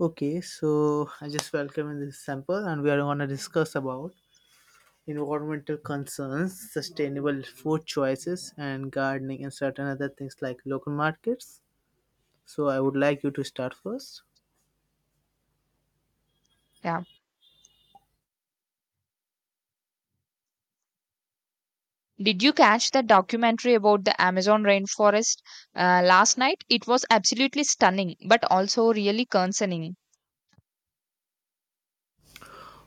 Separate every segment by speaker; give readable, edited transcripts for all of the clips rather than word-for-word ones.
Speaker 1: Okay, so I just welcome in this sample, and we are going to discuss about environmental concerns, sustainable food choices, and gardening, and certain other things like local markets. So I would like you to start first.
Speaker 2: Yeah. Did you catch that documentary about the Amazon rainforest last night? It was absolutely stunning, but also really concerning.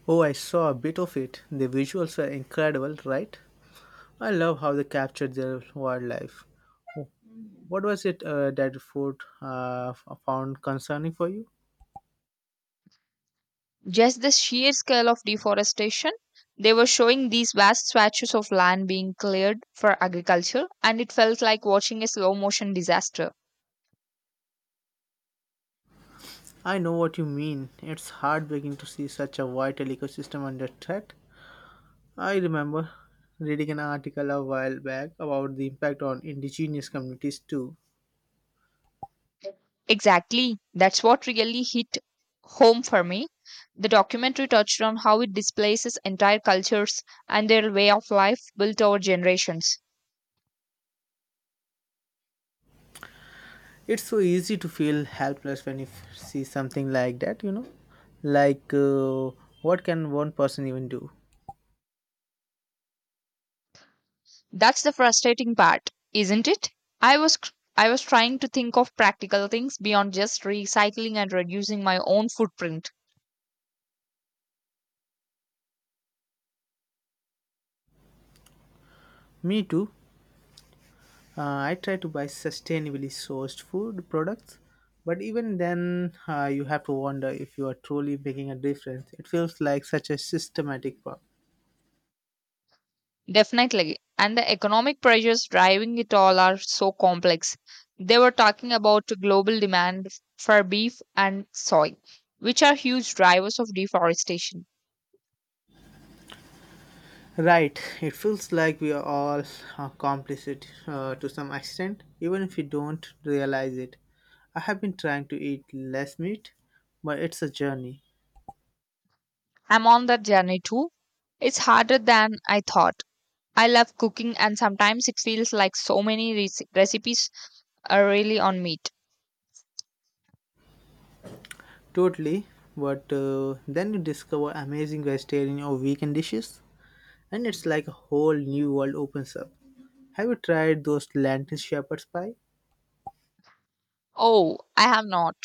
Speaker 1: Oh, I saw a bit of it. The visuals were incredible, right? I love how they captured their wildlife. Oh, what was it that food found concerning for you?
Speaker 2: Just the sheer scale of deforestation. They were showing these vast swatches of land being cleared for agriculture, and it felt like watching a slow motion disaster.
Speaker 1: I know what you mean. It's heartbreaking to see such a vital ecosystem under threat. I remember reading an article a while back about the impact on indigenous communities too.
Speaker 2: Exactly. That's what really hit home for me. The documentary touched on how it displaces entire cultures and their way of life built over generations.
Speaker 1: It's so easy to feel helpless when you see something like that, you know? Like, uh, what can one person even do?
Speaker 2: That's the frustrating part, isn't it? I was cr- I was trying to think of practical things beyond just recycling and reducing my own footprint.
Speaker 1: Me too. I try to buy sustainably sourced food products, but even then, you have to wonder if you are truly making a difference. It feels like such a systematic work.
Speaker 2: Definitely. And the economic pressures driving it all are so complex. They were talking about global demand for beef and soy, which are huge drivers of deforestation.
Speaker 1: Right, it feels like we are all complicit to some extent, even if we don't realize it. I have been trying to eat less meat, but it's a journey.
Speaker 2: I'm on that journey too. It's harder than I thought. I love cooking, and sometimes it feels like so many recipes are really on meat.
Speaker 1: Totally, but then you discover amazing vegetarian or vegan dishes, and it's like a whole new world opens up. Have you tried those lentil shepherd's pie?
Speaker 2: Oh, I have not.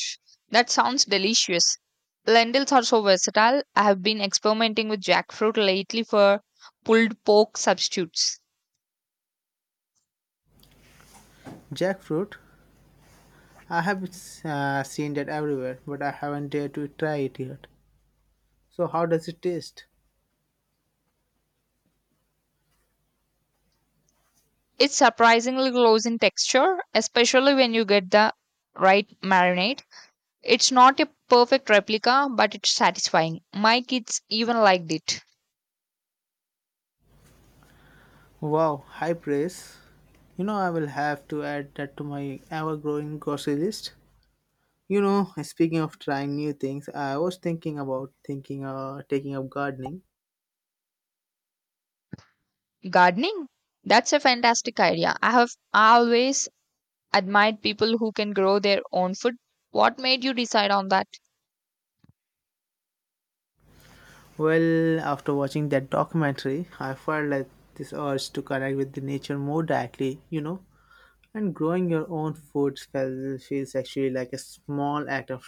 Speaker 2: That sounds delicious. Lentils are so versatile. I have been experimenting with jackfruit lately for pulled pork substitutes.
Speaker 1: Jackfruit? I have seen that everywhere, but I haven't dared to try it yet. So, how does it taste?
Speaker 2: It's surprisingly close in texture, especially when you get the right marinade. It's not a perfect replica, but it's satisfying. My kids even liked it.
Speaker 1: Wow, high praise. You know, I will have to add that to my ever growing grocery list. You know, speaking of trying new things, I was thinking about thinking taking up gardening.
Speaker 2: Gardening? That's a fantastic idea. I have always admired people who can grow their own food. What made you decide on that?
Speaker 1: Well, after watching that documentary, I felt like this urge to connect with the nature more directly, you know. And growing your own food feels actually like a small act of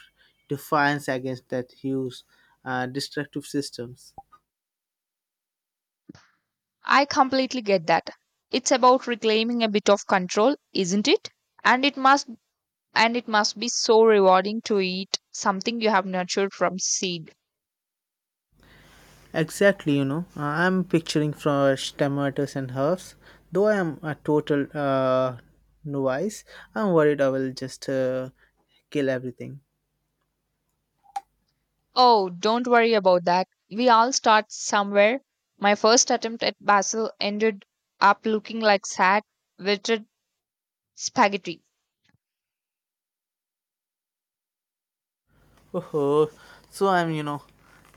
Speaker 1: defiance against that huge destructive systems.
Speaker 2: I completely get that. It's about reclaiming a bit of control, isn't it? And it must and it must be so rewarding to eat something you have nurtured from seed.
Speaker 1: Exactly, you know, I'm picturing fresh tomatoes and herbs. Though I am a total novice, I'm worried I will just kill everything.
Speaker 2: Oh, don't worry about that. We all start somewhere. My first attempt at basil ended up looking like sad, wilted spaghetti.
Speaker 1: Oh, so I'm, you know,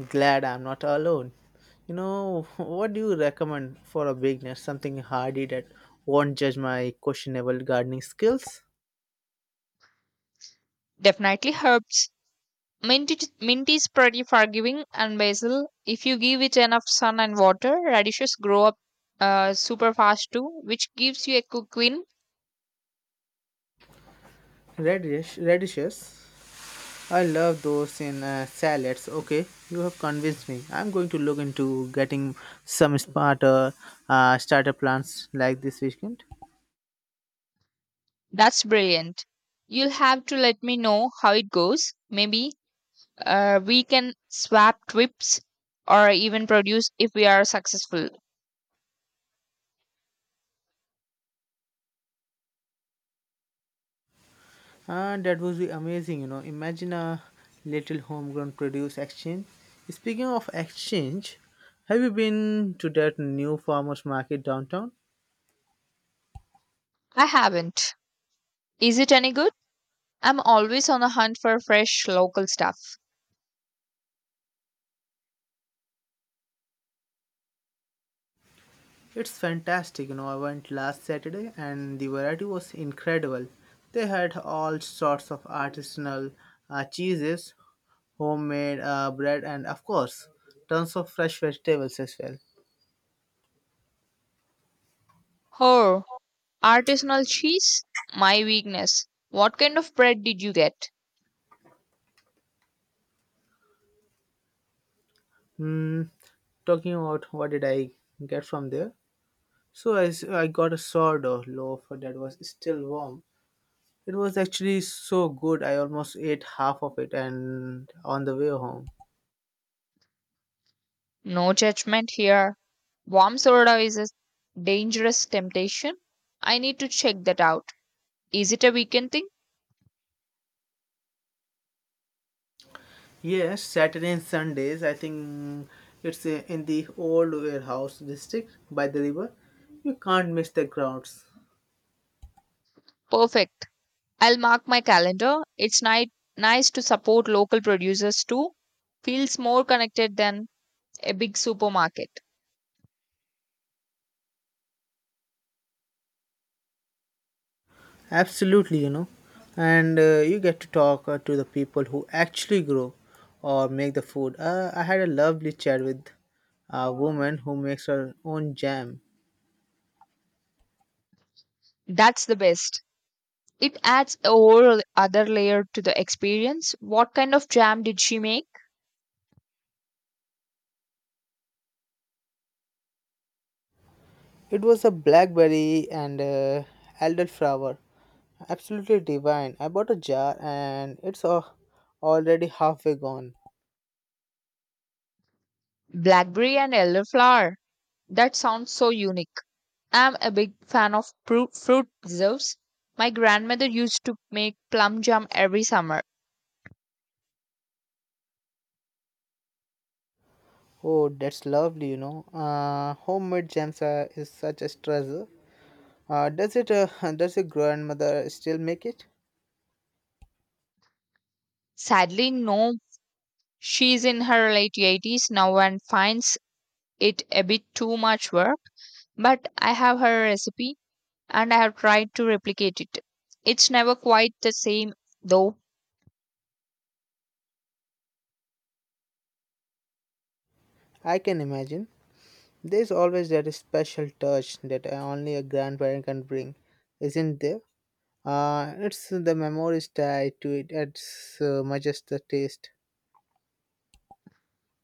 Speaker 1: glad I'm not alone. You know, what do you recommend for a beginner? Something hardy that won't judge my questionable gardening skills?
Speaker 2: Definitely herbs. Mint is pretty forgiving and basil. If you give it enough sun and water, radishes grow up super fast too, which gives you a quick win.
Speaker 1: Radishes. I love those in salads. Okay, you have convinced me. I'm going to look into getting some smarter starter plants like this weekend.
Speaker 2: That's brilliant. You'll have to let me know how it goes. Maybe we can swap trips or even produce if we are successful.
Speaker 1: That would be amazing, you know. Imagine a little homegrown produce exchange. Speaking of exchange, have you been to that new farmers market downtown?
Speaker 2: I haven't. Is it any good? I'm always on the hunt for fresh local stuff.
Speaker 1: It's fantastic, you know. I went last Saturday and the variety was incredible. They had all sorts of artisanal cheeses, homemade bread, and of course, tons of fresh vegetables as well.
Speaker 2: Oh, artisanal cheese? My weakness. What kind of bread did you get?
Speaker 1: Hmm. Talking about what did I get from there? I got a sourdough loaf that was still warm. It was actually so good, I almost ate half of it and on the way home.
Speaker 2: No judgment here. Warm soda is a dangerous temptation. I need to check that out. Is it a weekend thing?
Speaker 1: Yes, Saturday and Sundays. I think it's in the old warehouse district by the river. You can't miss the crowds.
Speaker 2: Perfect. I'll mark my calendar. It's nice to support local producers too. Feels more connected than a big supermarket.
Speaker 1: Absolutely, you know. And you get to talk to the people who actually grow or make the food. I had a lovely chat with a woman who makes her own jam.
Speaker 2: That's the best. It adds a whole other layer to the experience. What kind of jam did she make?
Speaker 1: It was a blackberry and elderflower. Absolutely divine. I bought a jar and it's already halfway gone.
Speaker 2: Blackberry and elderflower. That sounds so unique. I'm a big fan of fruit preserves. My grandmother used to make plum jam every summer.
Speaker 1: Oh, that's lovely, you know. Homemade jams are, is such a treasure. Does it? Does your grandmother still make it?
Speaker 2: Sadly, no, she's in her late 80s now and finds it a bit too much work, but I have her recipe and I have tried to replicate it. It's never quite the same, though.
Speaker 1: I can imagine. There's always that special touch that only a grandparent can bring, isn't there? It's the memories tied to it as much as the taste.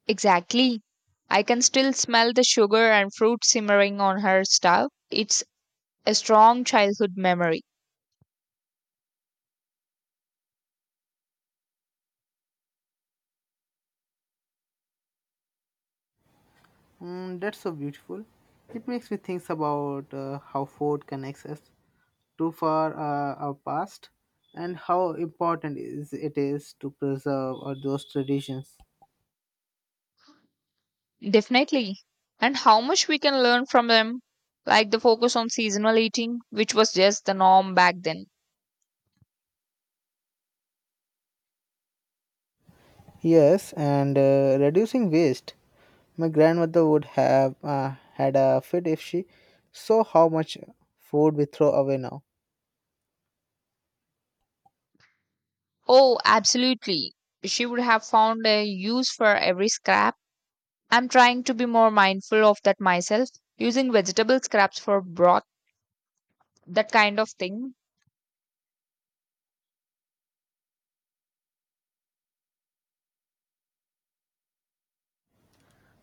Speaker 2: Exactly. I can still smell the sugar and fruit simmering on her stove. It's a strong childhood memory.
Speaker 1: Mm, that's so beautiful. It makes me think about how food connects us. Too far our past and how important is it is to preserve those traditions.
Speaker 2: Definitely. And how much we can learn from them, like the focus on seasonal eating, which was just the norm back then.
Speaker 1: Yes, and reducing waste. My grandmother would have had a fit if she saw how much food we throw away now.
Speaker 2: Oh, absolutely. She would have found a use for every scrap. I'm trying to be more mindful of that myself, using vegetable scraps for broth, that kind of thing.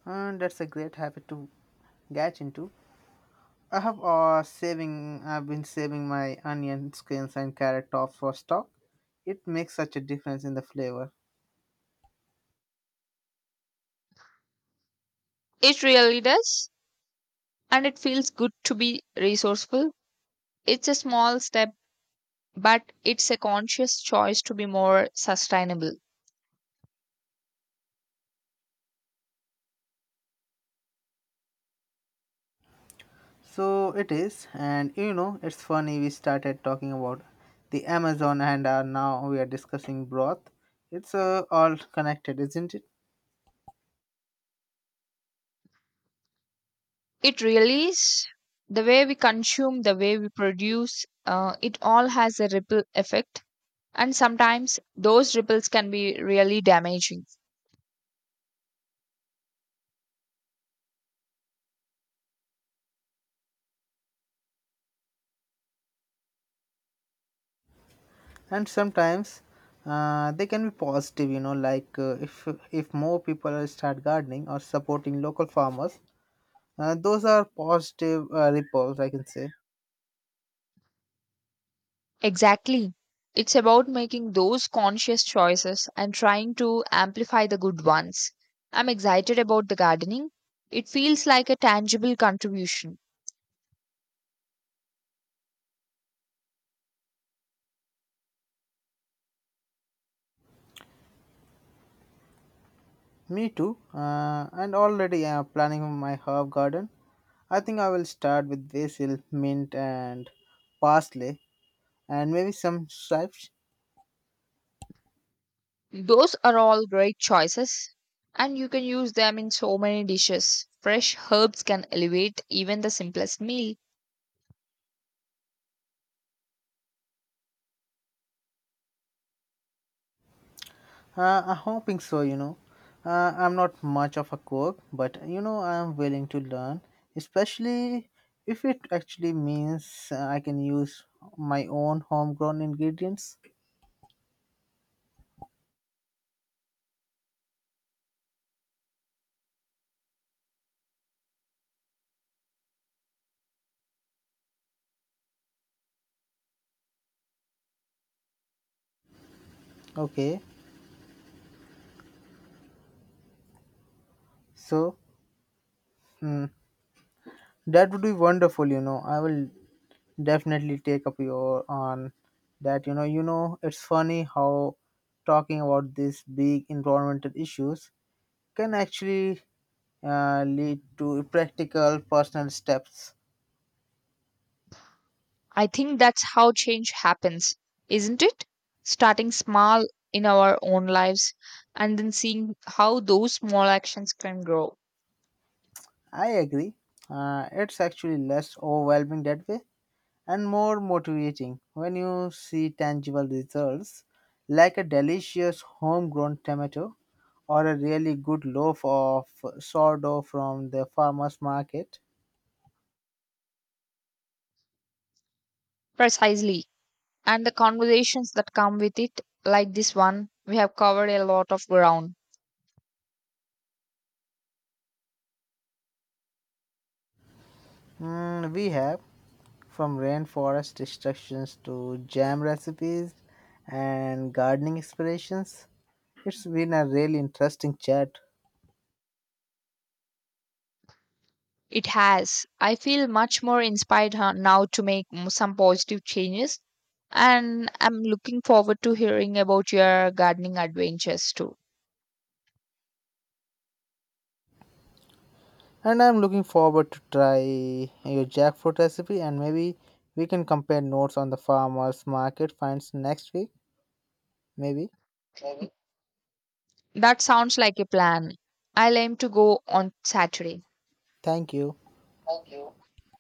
Speaker 1: And that's a great habit to get into. I have saving. I've been saving my onion skins and carrot tops for stock. It makes such a difference in the flavor.
Speaker 2: It really does. And it feels good to be resourceful. It's a small step, but it's a conscious choice to be more sustainable.
Speaker 1: So it is, and you know, it's funny we started talking about the Amazon and now we are discussing broth. It's all connected, isn't it?
Speaker 2: It really is the way we consume, the way we produce, it all has a ripple effect. And sometimes those ripples can be really damaging.
Speaker 1: And sometimes they can be positive, you know, like if more people start gardening or supporting local farmers, those are positive ripples, I can say.
Speaker 2: Exactly. It's about making those conscious choices and trying to amplify the good ones. I'm excited about the gardening. It feels like a tangible contribution.
Speaker 1: Me too, and already planning my herb garden. I think I will start with basil, mint, and parsley and maybe some stripes.
Speaker 2: Those are all great choices, and you can use them in so many dishes. Fresh herbs can elevate even the simplest meal.
Speaker 1: I'm hoping so, you know. I'm not much of a cook, but you know, I'm willing to learn, especially if it actually means I can use my own homegrown ingredients. Okay, so hmm, that would be wonderful, you know. I will definitely take up your on that, you know. You know, it's funny how talking about these big environmental issues can actually lead to practical personal steps.
Speaker 2: I think that's how change happens, isn't it? Starting small in our own lives and then seeing how those small actions can grow.
Speaker 1: I agree. It's actually less overwhelming that way and more motivating when you see tangible results like a delicious homegrown tomato or a really good loaf of sourdough from the farmer's market.
Speaker 2: Precisely. And the conversations that come with it, like this one, we have covered a lot of ground.
Speaker 1: Mm, we have from rainforest instructions to jam recipes and gardening inspirations. It's been a really interesting chat.
Speaker 2: It has. I feel much more inspired now to make some positive changes, and I'm looking forward to hearing about your gardening adventures too.
Speaker 1: And I'm looking forward to try your jackfruit recipe and maybe we can compare notes on the farmers market finds next week. Maybe.
Speaker 2: That sounds like a plan. I'll aim to go on Saturday.
Speaker 1: Thank you.